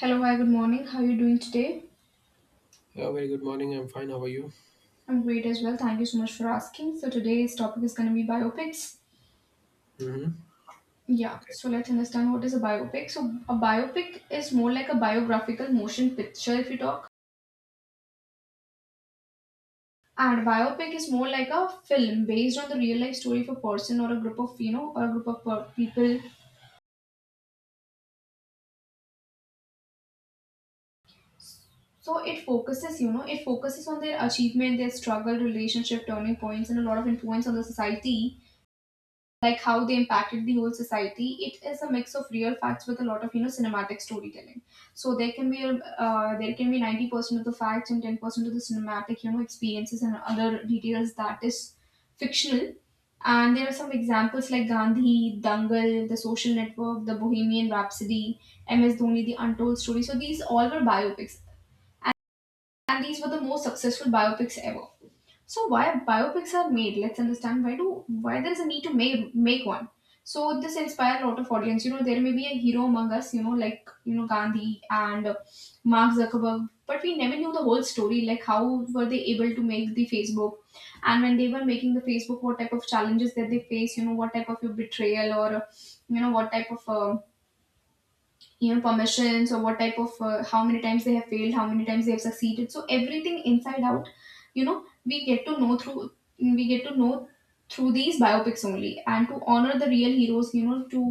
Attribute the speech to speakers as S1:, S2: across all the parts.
S1: Hello, hi, good morning. How are you doing today?
S2: Yeah, very good morning. I'm fine. How are you?
S1: I'm great as well. Thank you so much for asking. So today's topic is going to be biopics.
S2: Hmm.
S1: Yeah,
S2: Okay.
S1: so let's understand what is a biopic. So a biopic is more like a biographical motion picture if you talk. And biopic is more like a film based on the real life story of a person or a group of, you know, or a group of people. So it focuses, you know, it focuses on their achievement, their struggle, relationship, turning points, and a lot of influence on the society, like how they impacted the whole society. It is a mix of real facts with a lot of, you know, cinematic storytelling. so there can be a, there can be 90% of the facts and 10% of the cinematic, you know, experiences and other details that is fictional. And there are some examples like Gandhi, Dangal, The Social Network, The Bohemian Rhapsody, MS Dhoni, The Untold Story. So these all were biopics, and these were the most successful biopics ever. So why biopics are made? Let's understand why there is a need to make one. So this inspire a lot of audience. You know there may be a hero among us. You know, like, you know, Gandhi and Mark Zuckerberg, but we never knew the whole story. Like how were they able to make the Facebook, and when they were making the Facebook, what type of challenges that they face? You know what type of your betrayal or, you know, what type of, you know, permissions or what type of, how many times they have failed, how many times they have succeeded? So everything inside out, you know, we get to know through these biopics only. And to honor the real heroes, you know, to,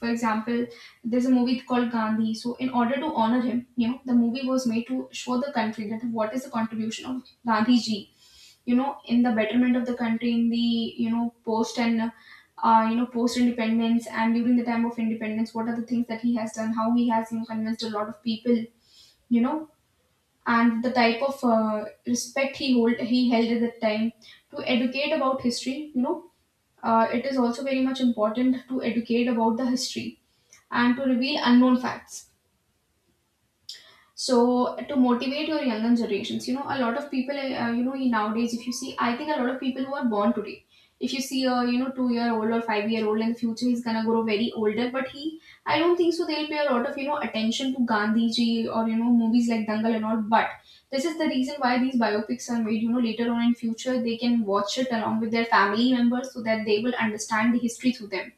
S1: for example, there's a movie called Gandhi, so in order to honor him, you know, the movie was made to show the country that what is the contribution of Gandhi ji, you know, in the betterment of the country, in the, you know, post and, you know, post independence, and during the time of independence, what are the things that he has done, how he has, you know, convinced a lot of people, you know, and the type of, respect he held at that time. To educate about history, you know, it is also very much important to educate about the history and to reveal unknown facts. So to motivate your younger generations, you know, a lot of people, you know, nowadays, if you see, I think a lot of people who are born today, if you see a, you know, 2 year old or 5 year old in the future, he's gonna grow very older, but he, I don't think so. There'll be a lot of, you know, attention to Gandhiji or, you know, movies like Dangal and all. But this is the reason why these biopics are made. You know, later on in future, they can watch it along with their family members so that they will understand the history through them.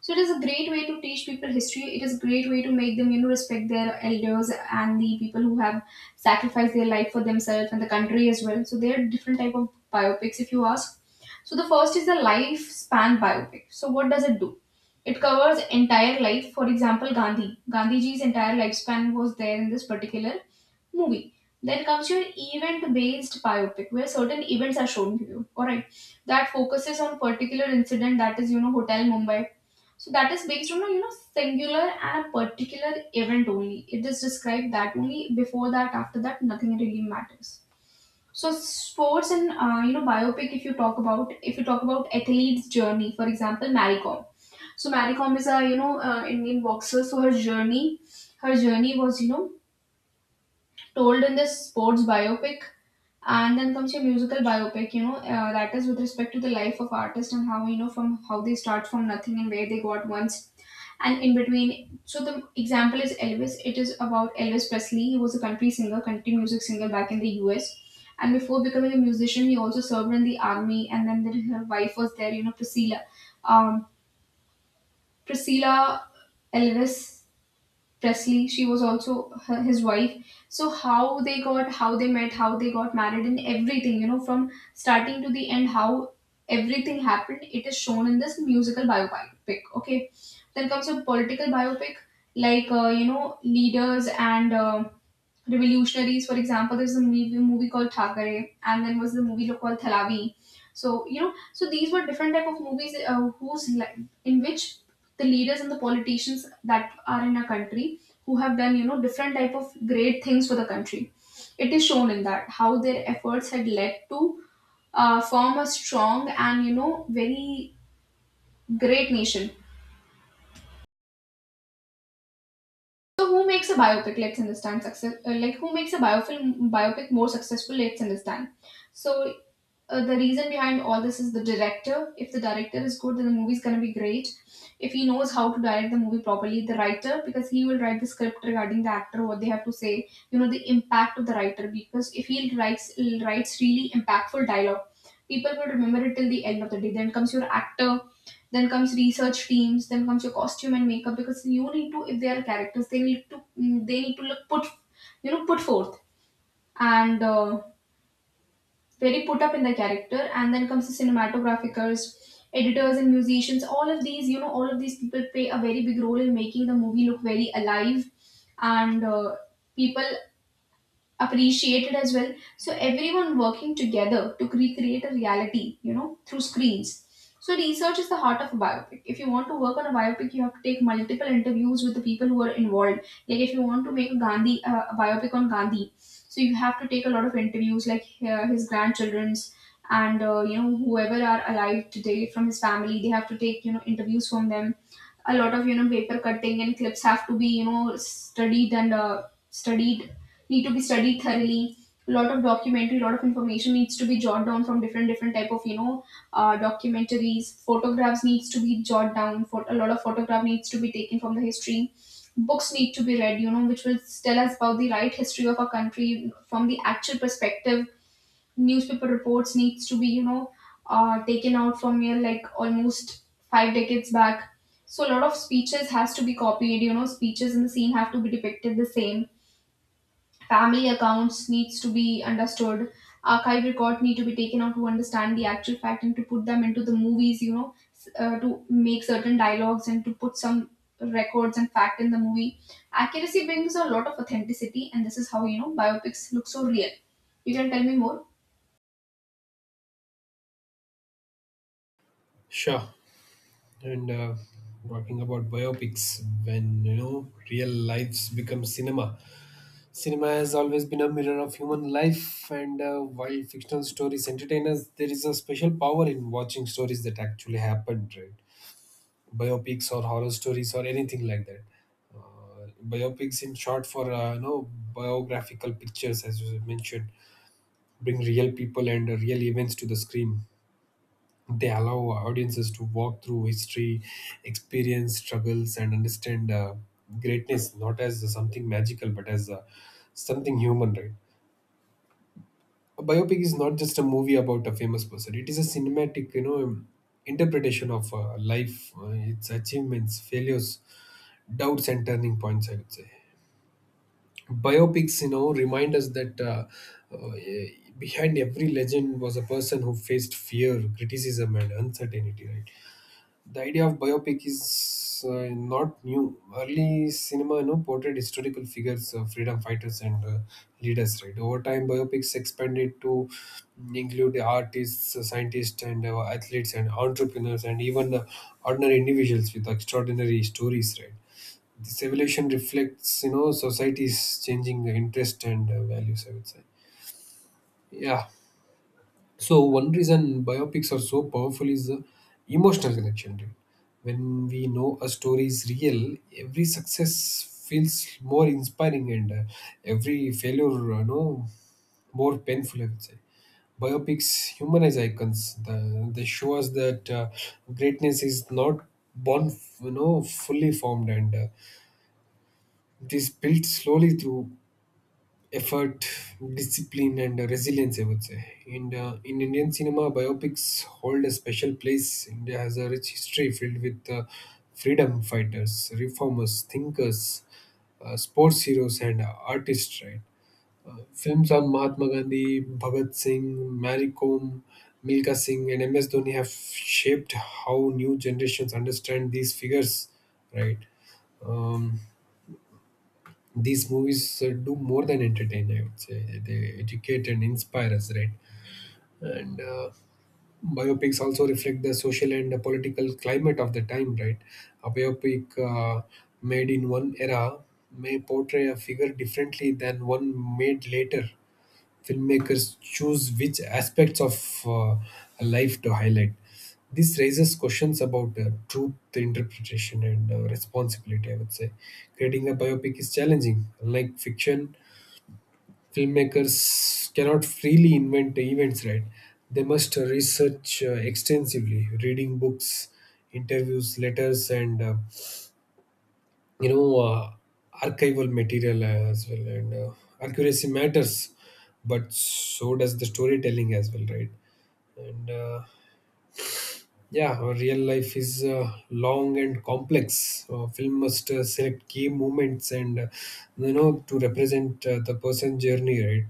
S1: So it is a great way to teach people history. It is a great way to make them, you know, respect their elders and the people who have sacrificed their life for themselves and the country as well. So there are different type of biopics, if you ask. So the first is the lifespan biopic. So what does it do? It covers entire life. For example, Gandhi. Gandhiji's entire lifespan was there in this particular movie. Then comes your event-based biopic, where certain events are shown to you. All right, that focuses on particular incident that is, you know, Hotel Mumbai, so that is based on a, you know, singular and a particular event only. It is described that only. Before that, after that, nothing really matters. So sports and, you know, biopic. If you talk about athlete's journey, for example, Mary Kom. So Mary Kom is a, you know, Indian boxer. So her journey was, you know, told in this sports biopic. And then comes your musical biopic. You know, that is with respect to the life of artist and how, you know, from how they start from nothing and where they got one and in between. So the example is Elvis. It is about Elvis Presley. He was a country singer, country music singer back in the US. And before becoming a musician, he also served in the army. And then there, her wife was there, you know, Priscilla, um, Priscilla Elvis Presley, she was also his wife. So how they got, how they met, how they got married, and everything, you know, from starting to the end, how everything happened, it is shown in this musical biopic. Okay. Then comes a political biopic, like, you know, leaders and, revolutionaries. For example, there's a movie called Thakare, and then was the movie called Thalavi. So you know, so these were different type of movies, in which the leaders and the politicians that are in a country who have done, you know, different type of great things for the country. It is shown in that how their efforts had led to, form a strong and, you know, very great nation. So who makes a biopic? Let's understand success. Like who makes a biofilm biopic more successful? Let's understand. So the reason behind all this is the director. If the director is good, then the movie is gonna be great. If he knows how to direct the movie properly, the writer, because he will write the script regarding the actor, what they have to say. You know the impact of the writer, because if he writes really impactful dialogue, people will remember it till the end of the day. Then comes your actor, then comes research teams, then comes your costume and makeup, because you need to, if they are characters, they need to, they need to look put, you know, put forth, and, very put up in the character. And then comes the cinematographers, editors, and musicians. All of these, you know, all of these people play a very big role in making the movie look very alive, and, people appreciated as well. So everyone working together to recreate a reality, you know, through screens. So research is the heart of a biopic. If you want to work on a biopic, you have to take multiple interviews with the people who are involved. Like if you want to make a Gandhi, a biopic on Gandhi, so you have to take a lot of interviews, like, his grandchildren's, and, you know, whoever are alive today from his family. They have to take, you know, interviews from them. A lot of, you know, paper cutting and clips have to be, you know, studied, need to be studied thoroughly. A lot of documentary, a lot of information needs to be jotted down from different different type of, you know, documentaries. Photographs needs to be jotted down for, a lot of photograph needs to be taken from the history. Books need to be read, you know, which will tell us about the right history of our country from the actual perspective. Newspaper reports needs to be, you know, taken out from here, like almost five decades back. So a lot of speeches has to be copied, you know, speeches in the scene have to be depicted the same. Family accounts needs to be understood. Archive record need to be taken out to understand the actual fact and to put them into the movies, you know, to make certain dialogues and to put some records and fact in the movie. Accuracy brings a lot of authenticity, and this is how, you know, biopics look so real. You can tell me more.
S2: Sure. And talking about biopics, when real lives become cinema. Cinema has always been a mirror of human life, and while fictional stories entertain us, there is a special power in watching stories that actually happened, right? Biopics or horror stories or anything like that. Uh, Biopics, in short, for biographical pictures, as you mentioned, bring real people and real events to the screen. They allow audiences to walk through history, experience struggles, and understand greatness not as something magical but as something human, right? A biopic is not just a movie about a famous person; it is a cinematic, interpretation of life, its achievements, failures, doubts, and turning points, I would say. Biopics remind us that uh, behind every legend was a person who faced fear, criticism, and uncertainty, right? The idea of biopic is not new. Early cinema, portrayed historical figures, freedom fighters, and leaders. Right, over time, biopics expanded to include artists, scientists, and athletes, and entrepreneurs, and even ordinary individuals with extraordinary stories. Right, this evolution reflects, society's changing interest and values, I would say. Yeah. So one reason biopics are so powerful is the emotional connection to it. When we know a story is real, every success feels more inspiring, and every failure, no, more painful, I would say. Biopics humanize icons. They show us that greatness is not born, fully formed, and it is built slowly through effort, discipline, and resilience, I would say. And in Indian cinema, biopics hold a special place. India has a rich history filled with freedom fighters, reformers, thinkers, sports heroes, and artists, right? Films on Mahatma Gandhi, Bhagat Singh, Mary Kom, Milka Singh, and MS Dhoni have shaped how new generations understand these figures, right? Um, these movies do more than entertain. I would say they educate and inspire us, right. And biopics also reflect the social and the political climate of the time, right. A biopic made in one era may portray a figure differently than one made later. Filmmakers choose which aspects of life to highlight. This raises questions about truth, interpretation, and responsibility, I would say. Creating a biopic is challenging. Unlike fiction, filmmakers cannot freely invent events, right? They must research extensively, reading books, interviews, letters, and you know uh, archival material as well. And accuracy matters, but so does the storytelling as well, right. And yeah, our real life is long and complex. Film must select key moments and to represent the person journey, right.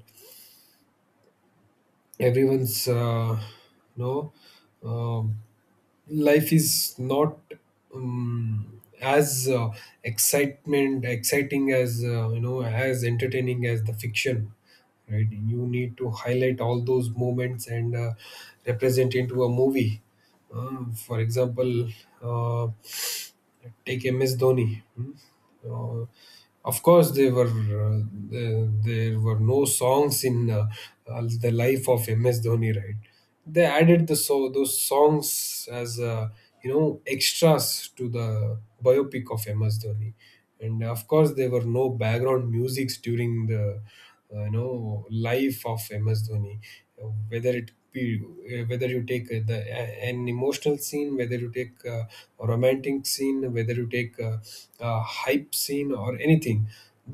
S2: Everyone's you know um, life is not as excitement exciting as as entertaining as the fiction, right. You need to highlight all those moments and represent into a movie. For example, uh, take MS Dhoni. Hmm? Uh, of course, there were there were no songs in the life of MS Dhoni, right? They added the so those songs as extras to the biopic of MS Dhoni. And of course there were no background musics during the life of MS Dhoni. Whether it be whether you take an emotional scene, whether you take a romantic scene, whether you take a hype scene or anything,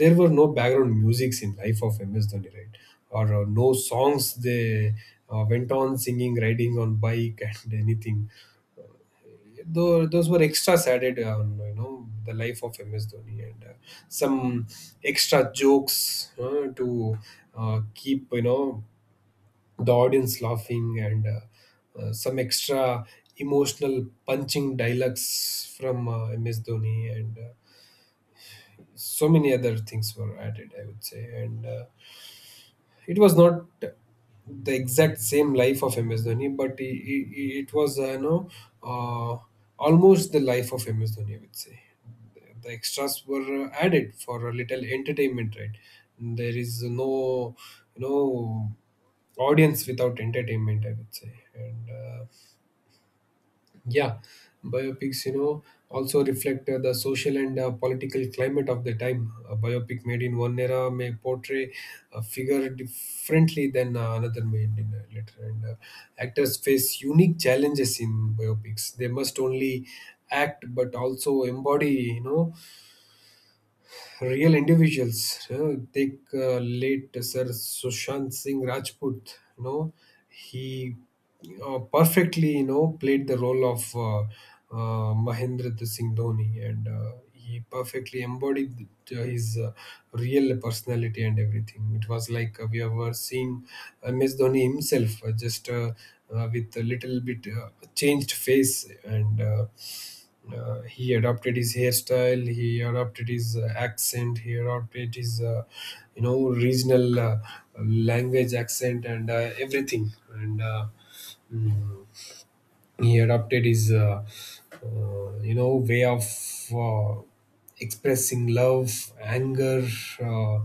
S2: there were no background musics in life of MS Dhoni, right? Or no songs. They went on singing, riding on bike and anything. Though those were extras added on, the life of MS Dhoni, and some extra jokes to keep the audience laughing, and some extra emotional punching dialogues from MS Dhoni, and so many other things were added, I would say. And it was not the exact same life of MS Dhoni, but it was uh, almost the life of MS Dhoni, I would say. The extras were added for a little entertainment, right? There is no you know audience without entertainment, I would say, and. Uh, yeah, biopics, also reflect the social and political climate of the time. A biopic made in one era may portray a figure differently than another made in later. And actors face unique challenges in biopics. They must only act, but also embody, real individuals. Take late Sir Sushant Singh Rajput. He perfectly played the role of Mahendra Singh Dhoni, and he perfectly embodied his real personality and everything. It was like we were seeing MS Dhoni himself, just with a little bit changed face and. He adopted his hairstyle, he adopted his accent, he adopted his regional language accent, and everything. And mm, he adopted his way of uh, expressing love, anger, uh,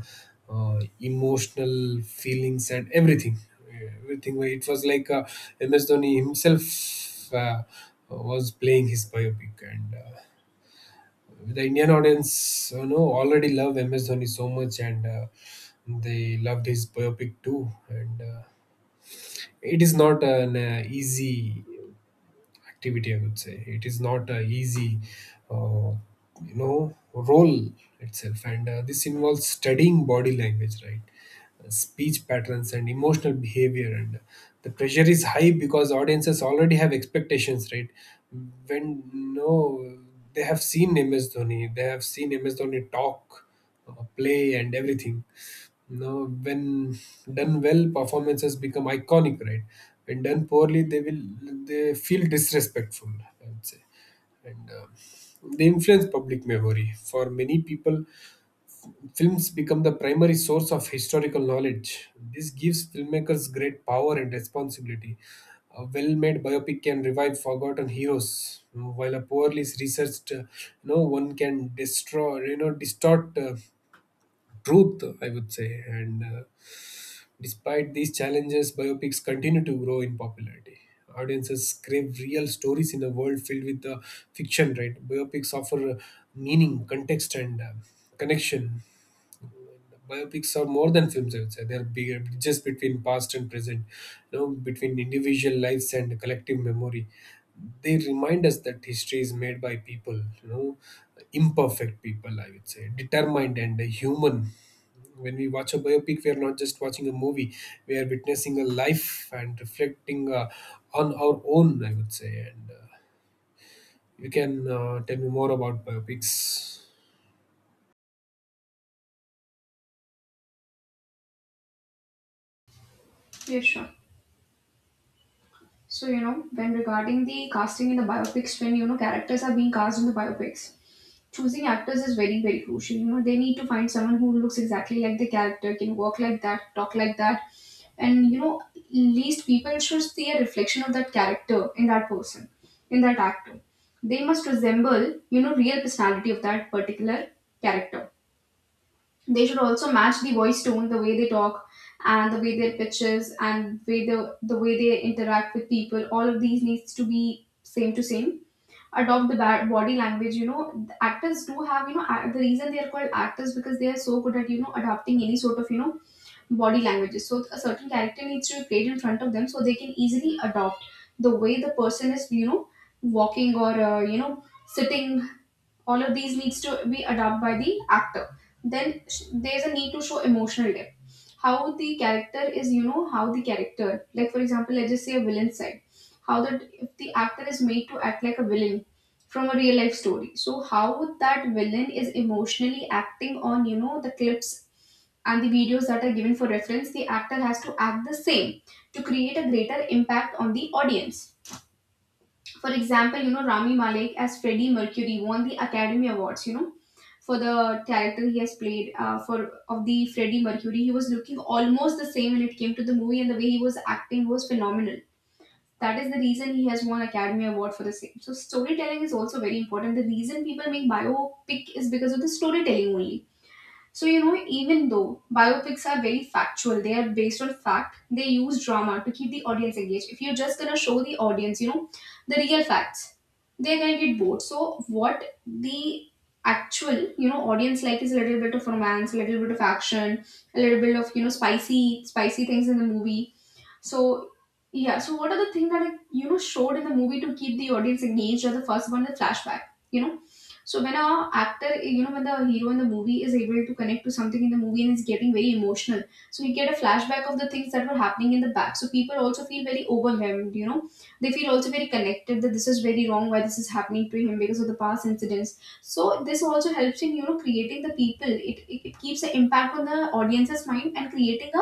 S2: emotional feelings, and everything, where it was like MS Dhoni himself was playing his biopic. And the Indian audience already love MS Dhoni so much, and they loved his biopic too. And it is not an easy activity, I would say. It is not a easy uh, role itself. And this involves studying body language, right? Speech patterns and emotional behavior, and the pressure is high because audiences already have expectations, right? When, no, they have seen MS Dhoni talk, play, and everything. Now, when done well, performances become iconic, right? When done poorly, they feel disrespectful, I would say. And they influence public memory. For many people, films become the primary source of historical knowledge. This gives filmmakers great power and responsibility. A well-made biopic can revive forgotten heroes, while a poorly researched, one can destroy, distort truth, I would say. And despite these challenges, biopics continue to grow in popularity. Audiences crave real stories in a world filled with fiction, right? Biopics offer meaning, context, and connection. Biopics are more than films, I would say. They are bigger bridges between past and present, between individual lives and collective memory. They remind us that history is made by people, you know, imperfect people, I would say, determined and human. When we watch a biopic, we are not just watching a movie; we are witnessing a life and reflecting on our own, I would say, and You can tell me more about biopics.
S1: Yeah, sure. So, you know, when regarding the casting in the biopics, when, you know, characters are being cast in the biopics, choosing actors is very, very crucial. You know, they need to find someone who looks exactly like the character, can walk like that, talk like that. And, you know, least people should see a reflection of that character in that person, in that actor. They must resemble, you know, real personality of that particular character. They should also match the voice tone, the way they talk, and the way their pitches, and way the way they interact with people. All of these needs to be same to same. Adopt the body language. The actors do have the reason they are called actors because they are so good at adapting any sort of body languages. So a certain character needs to be played in front of them so they can easily adopt the way the person is walking or sitting. All of these needs to be adopted by the actor. Then there's a need to show emotional depth, how the character is how the character, like for example, let's just say a villain side, how that, if the actor is made to act like a villain from a real life story, so how that villain is emotionally acting on the clips and the videos that are given for reference, the actor has to act the same to create a greater impact on the audience. For example, you know, Rami Malek as Freddie Mercury won the Academy Awards, you know, for the character he has played for of the Freddie Mercury. He was looking almost the same when it came to the movie, and the way he was acting was phenomenal. That is the reason he has won Academy Award for the same. So storytelling is also very important. The reason people make biopic is because of the storytelling only. So, you know, even though biopics are very factual, they are based on fact, they use drama to keep the audience engaged. If you're just gonna show the audience, you know, the real facts, they're gonna get bored. So, what the actual, you know, audience like is a little bit of romance, a little bit of action, a little bit of, you know, spicy, spicy things in the movie. So yeah, so what are the things that I, you know, showed in the movie to keep the audience engaged? Or the first one, the flashback. You know, so when a actor, you know, when the hero in the movie is able to connect to something in the movie and is getting very emotional, so you get a flashback of the things that were happening in the back. So people also feel very overwhelmed. You know, they feel also very connected that this is very wrong, why this is happening to him, because of the past incidents. So this also helps in creating the people. It keeps the impact on the audience's mind and creating a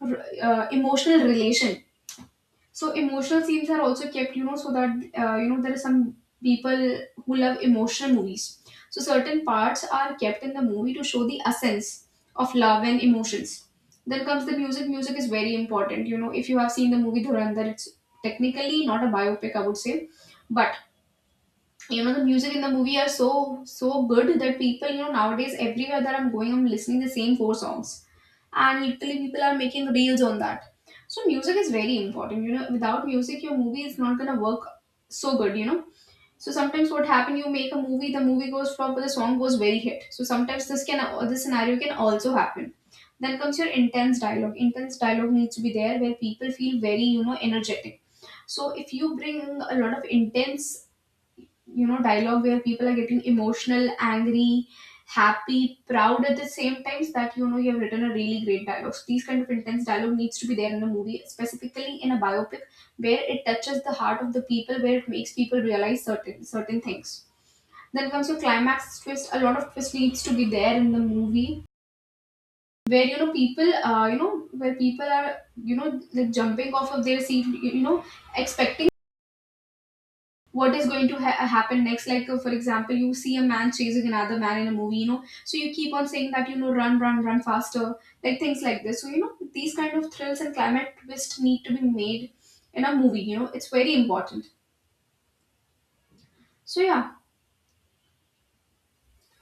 S1: emotional relation. So emotional scenes are also kept, you know, so that you know, there are some people who love emotional movies. So certain parts are kept in the movie to show the essence of love and emotions. Then comes the music. Music is very important. You know, if you have seen the movie Dhurandhar, it's technically not a biopic, I would say, but you know the music in the movie are so good that people, you know, nowadays everywhere that I'm going, I'm listening the same four songs and literally people are making reels on that. So music is very important, you know, without music your movie is not going to work so good, you know. So sometimes what happen, you make a movie, the movie goes flop but the song goes very hit, so sometimes this can, this scenario can also happen. Then comes your intense dialogue. Intense dialogue needs to be there where people feel very, you know, energetic. So if you bring a lot of intense, you know, dialogue where people are getting emotional, angry, happy, proud at the same times, that you know you have written a really great dialogue, so these kind of intense dialogue needs to be there in a movie, specifically in a biopic, where it touches the heart of the people, where it makes people realize certain things. Then comes your climax twist. A lot of twist needs to be there in the movie, where you know people where people are you know, like, jumping off of their seat, you know, expecting what is going to happen next. Like for example, you see a man chasing another man in a movie, you know, so you keep on saying that, you know, run, run, run faster. Like things like this. So you know, these kind of thrills and climate twist need to be made in a movie, you know, it's very important. So yeah.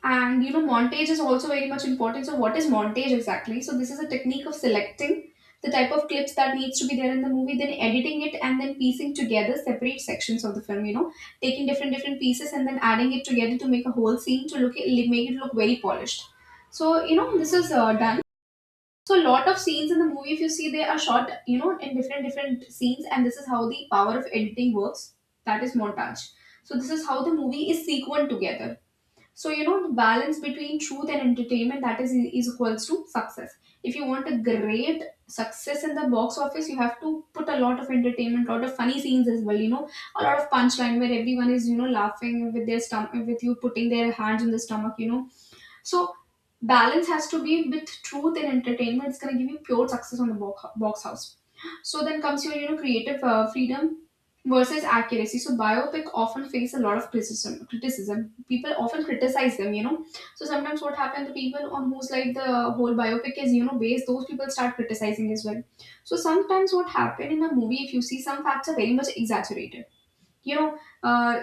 S1: And you know, montage is also very much important. So, what is montage exactly? So, this is a technique of selecting the type of clips that needs to be there in the movie, then editing it, and then piecing together separate sections of the film. You know, taking different different pieces and then adding it together to make a whole scene to look it, make it look very polished. So, you know, this is done. So, a lot of scenes in the movie, if you see, they are shot, you know, in different different scenes, and this is how the power of editing works. That is montage. So, this is how the movie is sequenced together. So you know, the balance between truth and entertainment, that is equals to success. If you want a great success in the box office, you have to put a lot of entertainment, lot of funny scenes as well. You know, a lot of punchline where everyone is you know laughing with their stomach, with you putting their hands in the stomach. You know, so balance has to be with truth and entertainment. It's gonna give you pure success on the box house. So then comes your you know creative freedom versus accuracy. So biopic often face a lot of criticism. Criticism. People often criticize them. You know. So sometimes what happens, the people on whose life the whole biopic is you know based, those people start criticizing as well. So sometimes what happened in a movie, if you see, some facts are very much exaggerated. You know, uh,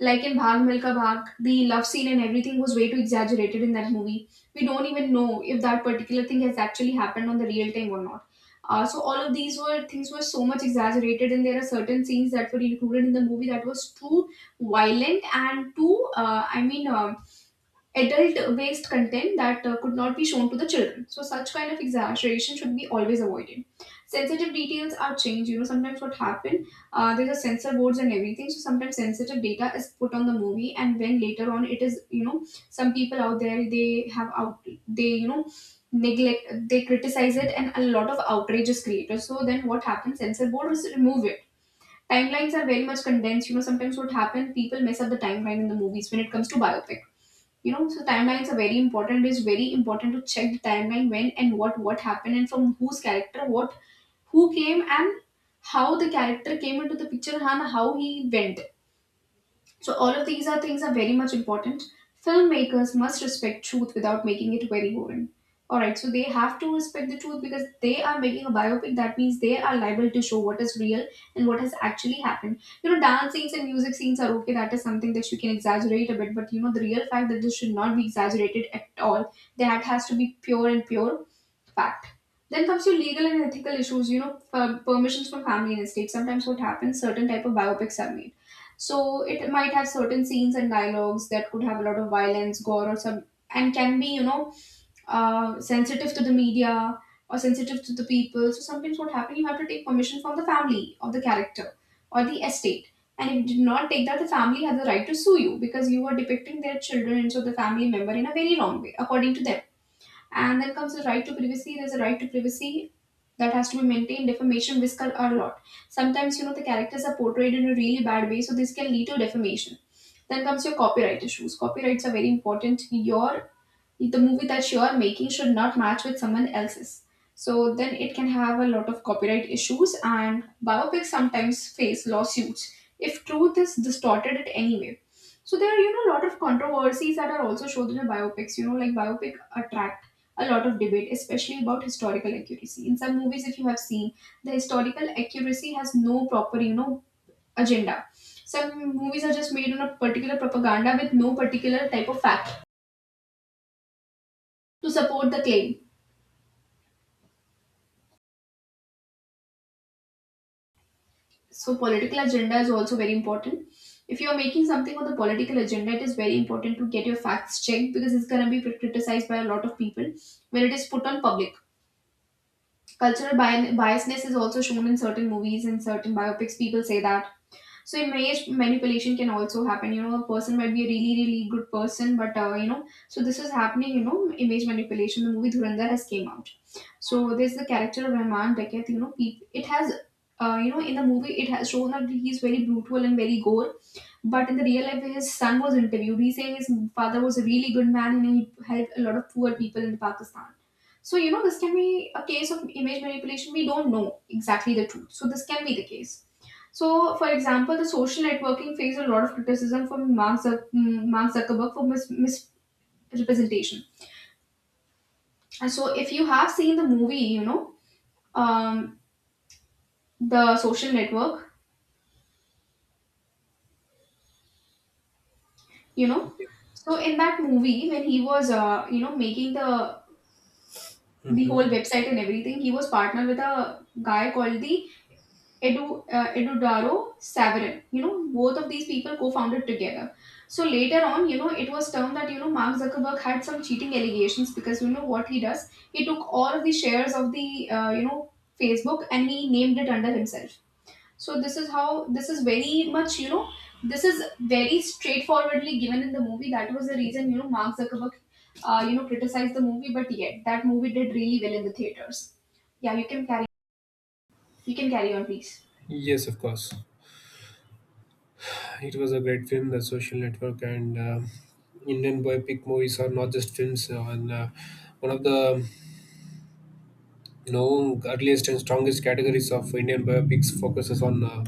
S1: like in Bhag Milka Bhag, the love scene and everything was way too exaggerated in that movie. We don't even know if that particular thing has actually happened on the real time or not. So all of these were things were so much exaggerated, and there are certain scenes that were included in the movie that was too violent and too, adult based content that could not be shown to the children. So such kind of exaggeration should be always avoided. Sensitive details are changed, you know, sometimes what happened, there's a censor boards and everything, so sometimes sensitive data is put on the movie, and when later on it is you know some people out there, they have out, they you know neglect, they criticize it and a lot of outrage is created, so then what happens, censor board is remove it. Timelines are very much condensed, you know, sometimes what happen, people mess up the timeline in the movies when it comes to biopic. You know, so timelines are very important, it's very important to check the timeline, when and what happened and from whose character what, who came and how the character came into the picture and how he went. So all of these are things are very much important. Filmmakers must respect truth without making it very boring. All right, so they have to respect the truth because they are making a biopic. That means they are liable to show what is real and what has actually happened. You know, dance scenes and music scenes are okay. That is something that you can exaggerate a bit, but you know, the real fact that this should not be exaggerated at all. That has to be pure and pure fact. Then comes your legal and ethical issues, you know, permissions from family and estate. Sometimes what happens, certain type of biopics are made. So it might have certain scenes and dialogues that could have a lot of violence, gore or some, and can be, you know, sensitive to the media or sensitive to the people. So sometimes what happens, you have to take permission from the family of the character or the estate. And if you did not take that, the family had the right to sue you because you were depicting their children, so the family member in a very wrong way, according to them. And then comes the right to privacy. There's a right to privacy that has to be maintained. Defamation, risk a lot. Sometimes, you know, the characters are portrayed in a really bad way, so this can lead to defamation. Then comes your copyright issues. Copyrights are very important. Your The movie that you are making should not match with someone else's. So then it can have a lot of copyright issues, and biopics sometimes face lawsuits if truth is distorted in any way. So there are you know a lot of controversies that are also shown in the biopics. You know, like biopic attract a lot of debate, especially about historical accuracy. In some movies, if you have seen, the historical accuracy has no proper you know agenda. Some movies are just made on a particular propaganda with no particular type of fact to support the claim. So political agenda is also very important. If you are making something on the political agenda, it is very important to get your facts checked because it's going to be criticized by a lot of people when it is put on public. Cultural biasness is also shown in certain movies and certain biopics, people say that. So image manipulation can also happen. You know, a person might be a really, really good person, but you know, so this is happening. You know, image manipulation. The movie Dhurandhar has came out. So there's the character of Rahman Dakat. You know, it has. You know, in the movie, it has shown that he's very brutal and very gore. But in the real life, his son was interviewed. He's saying his father was a really good man and he helped a lot of poor people in Pakistan. So, you know, this can be a case of image manipulation. We don't know exactly the truth. So, this can be the case. So, for example, the social networking faced a lot of criticism from Mark Zuckerberg for misrepresentation. And so, if you have seen the movie, you know, um, the social network, you know, so in that movie, when he was, you know, making the whole
S2: Hmm.
S1: website and everything, he was partnered with a guy called the Eduardo Saverin. You know, both of these people co-founded together. So later on, you know, it was termed that you know Mark Zuckerberg had some cheating allegations because you know what he does. He took all of the shares of the you know Facebook and he named it under himself. So this is how, this is very much you know, this is very straightforwardly given in the movie. That was the reason you know Mark Zuckerberg you know criticized the movie, but yet that movie did really well in the theaters. Yeah, you can carry, you can carry on, please.
S2: Yes, of course. It was a great film, The Social Network, and Indian biopic movies are not just films, and one of the earliest and strongest categories of Indian biopics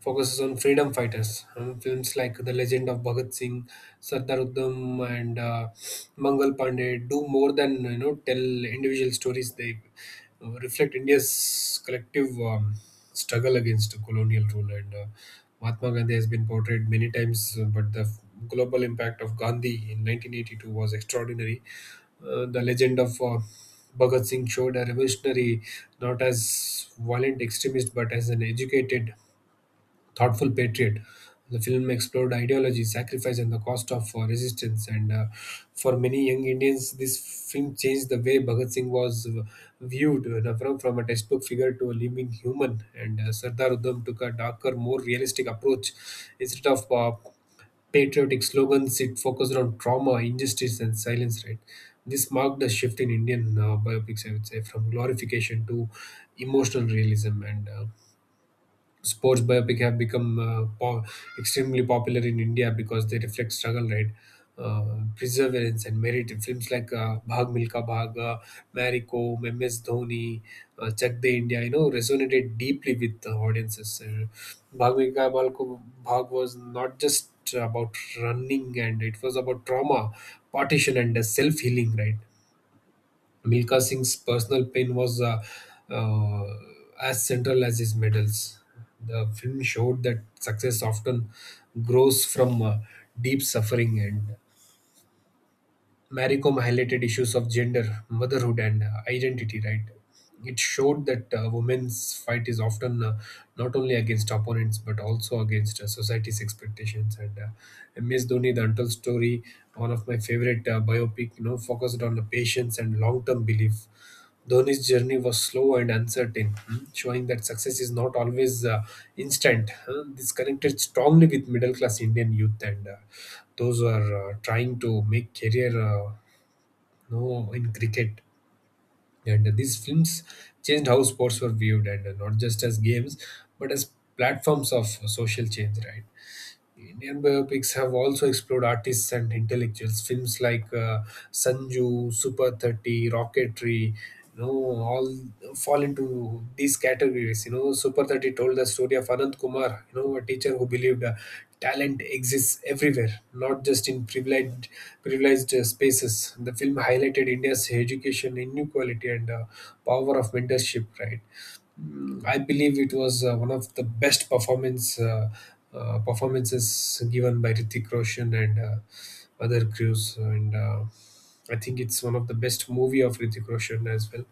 S2: focuses on freedom fighters. Films like The Legend of Bhagat Singh, Sardar Uddham, and Mangal Pandey do more than tell individual stories. They reflect India's collective struggle against colonial rule. And Mahatma Gandhi has been portrayed many times, but the global impact of Gandhi in 1982 was extraordinary. The legend of Bhagat Singh showed a revolutionary not as violent extremist but as an educated thoughtful patriot. The film explored ideology, sacrifice, and the cost of resistance. And for many young Indians, this film changed the way Bhagat Singh was viewed, from, a textbook figure to a living human. And Sardar Udham took a darker, more realistic approach. Instead of patriotic slogans, it focused on trauma, injustice, and silence, right? This marked a shift in Indian biopics, I would say, from glorification to emotional realism. And sports biopic have become extremely popular in India because they reflect struggle, right? Perseverance and merit. Films like Bhag Milka Bhag, Mary Kom, MS Dhoni, Chak De India, resonated deeply with the audiences. Bhag Milka Bhag was not just about running, and it was about trauma, partition, and self healing, right? Milka Singh's personal pain was uh, as central as his medals. The film showed that success often grows from deep suffering, and Maricom highlighted issues of gender, motherhood, and identity. Right, it showed that women's fight is often not only against opponents but also against society's expectations. And MS Dhoni, the Untold Story, one of my favorite biopic, you know, focused on the patience and long-term belief. Dhoni's journey was slow and uncertain, hmm, showing that success is not always instant. Huh. This connected strongly with middle class Indian youth and those who are trying to make career no, in cricket. And these films changed how sports were viewed, and not just as games, but as platforms of social change, right? Indian biopics have also explored artists and intellectuals. Films like Sanju, Super 30, Rocketry, you know, all fall into these categories. You know, Super 30 told the story of Anand Kumar, you know, a teacher who believed talent exists everywhere, not just in privileged spaces. The film highlighted India's education inequality and power of mentorship, right? I believe it was one of the best performances given by Hrithik Roshan and other crews, and I think it's one of the best movie of Hrithik Roshan as well.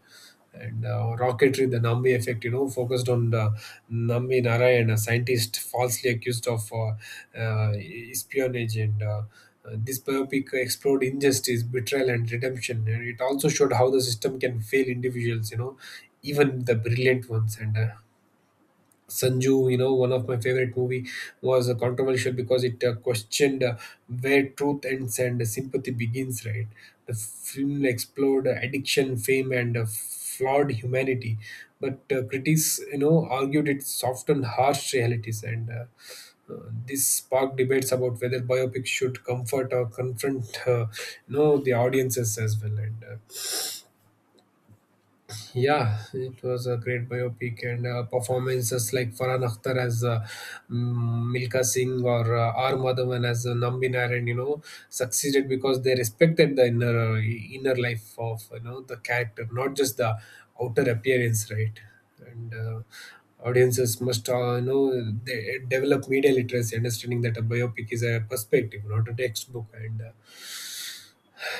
S2: And rocketry, the Nambi effect, you know, focused on the Nambi Narayan, a scientist falsely accused of uh, espionage. And This biopic explored injustice, betrayal, and redemption. And it also showed how the system can fail individuals, you know, even the brilliant ones. And Sanju, you know, one of my favorite movie was controversial because it questioned where truth ends and sympathy begins. Right, the film explored addiction, fame, and flawed humanity, but critics, you know, argued it softened harsh realities, and this sparked debates about whether biopics should comfort or confront, you know, the audiences as well. And Yeah, it was a great biopic and performances like Farhan Akhtar as Milka Singh or R. Madhavan as Nambi Narayan, you know, succeeded because they respected the inner life of the character, not just the outer appearance, right? And Audiences must they develop media literacy, understanding that a biopic is a perspective, not a textbook, and uh,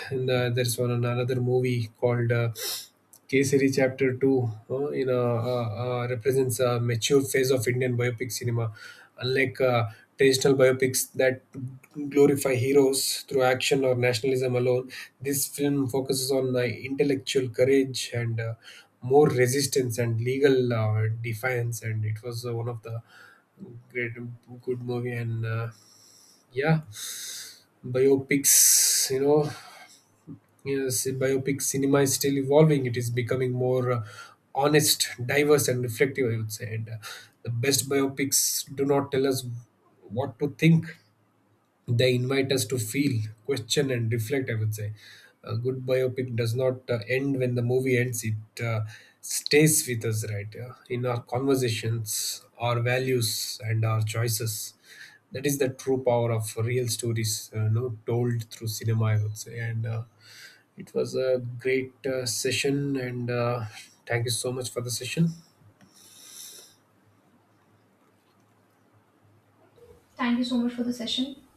S2: and uh, there's one another movie called Kesari Chapter Two. Represents a mature phase of Indian biopic cinema, unlike traditional biopics that glorify heroes through action or nationalism alone. This film focuses on intellectual courage and more resistance and legal defiance, and it was one of the great good movie and yeah biopics. Yes, biopic cinema is still evolving. It is becoming more honest, diverse, and reflective, I would say. And the best biopics do not tell us what to think, they invite us to feel, question, and reflect, I would say. A good biopic does not end when the movie ends, it stays with us, right? In our conversations, our values, and our choices. That is the true power of real stories, told through cinema, I would say. And it was a great session, and thank you so much for the session.
S1: Thank you so much for the session.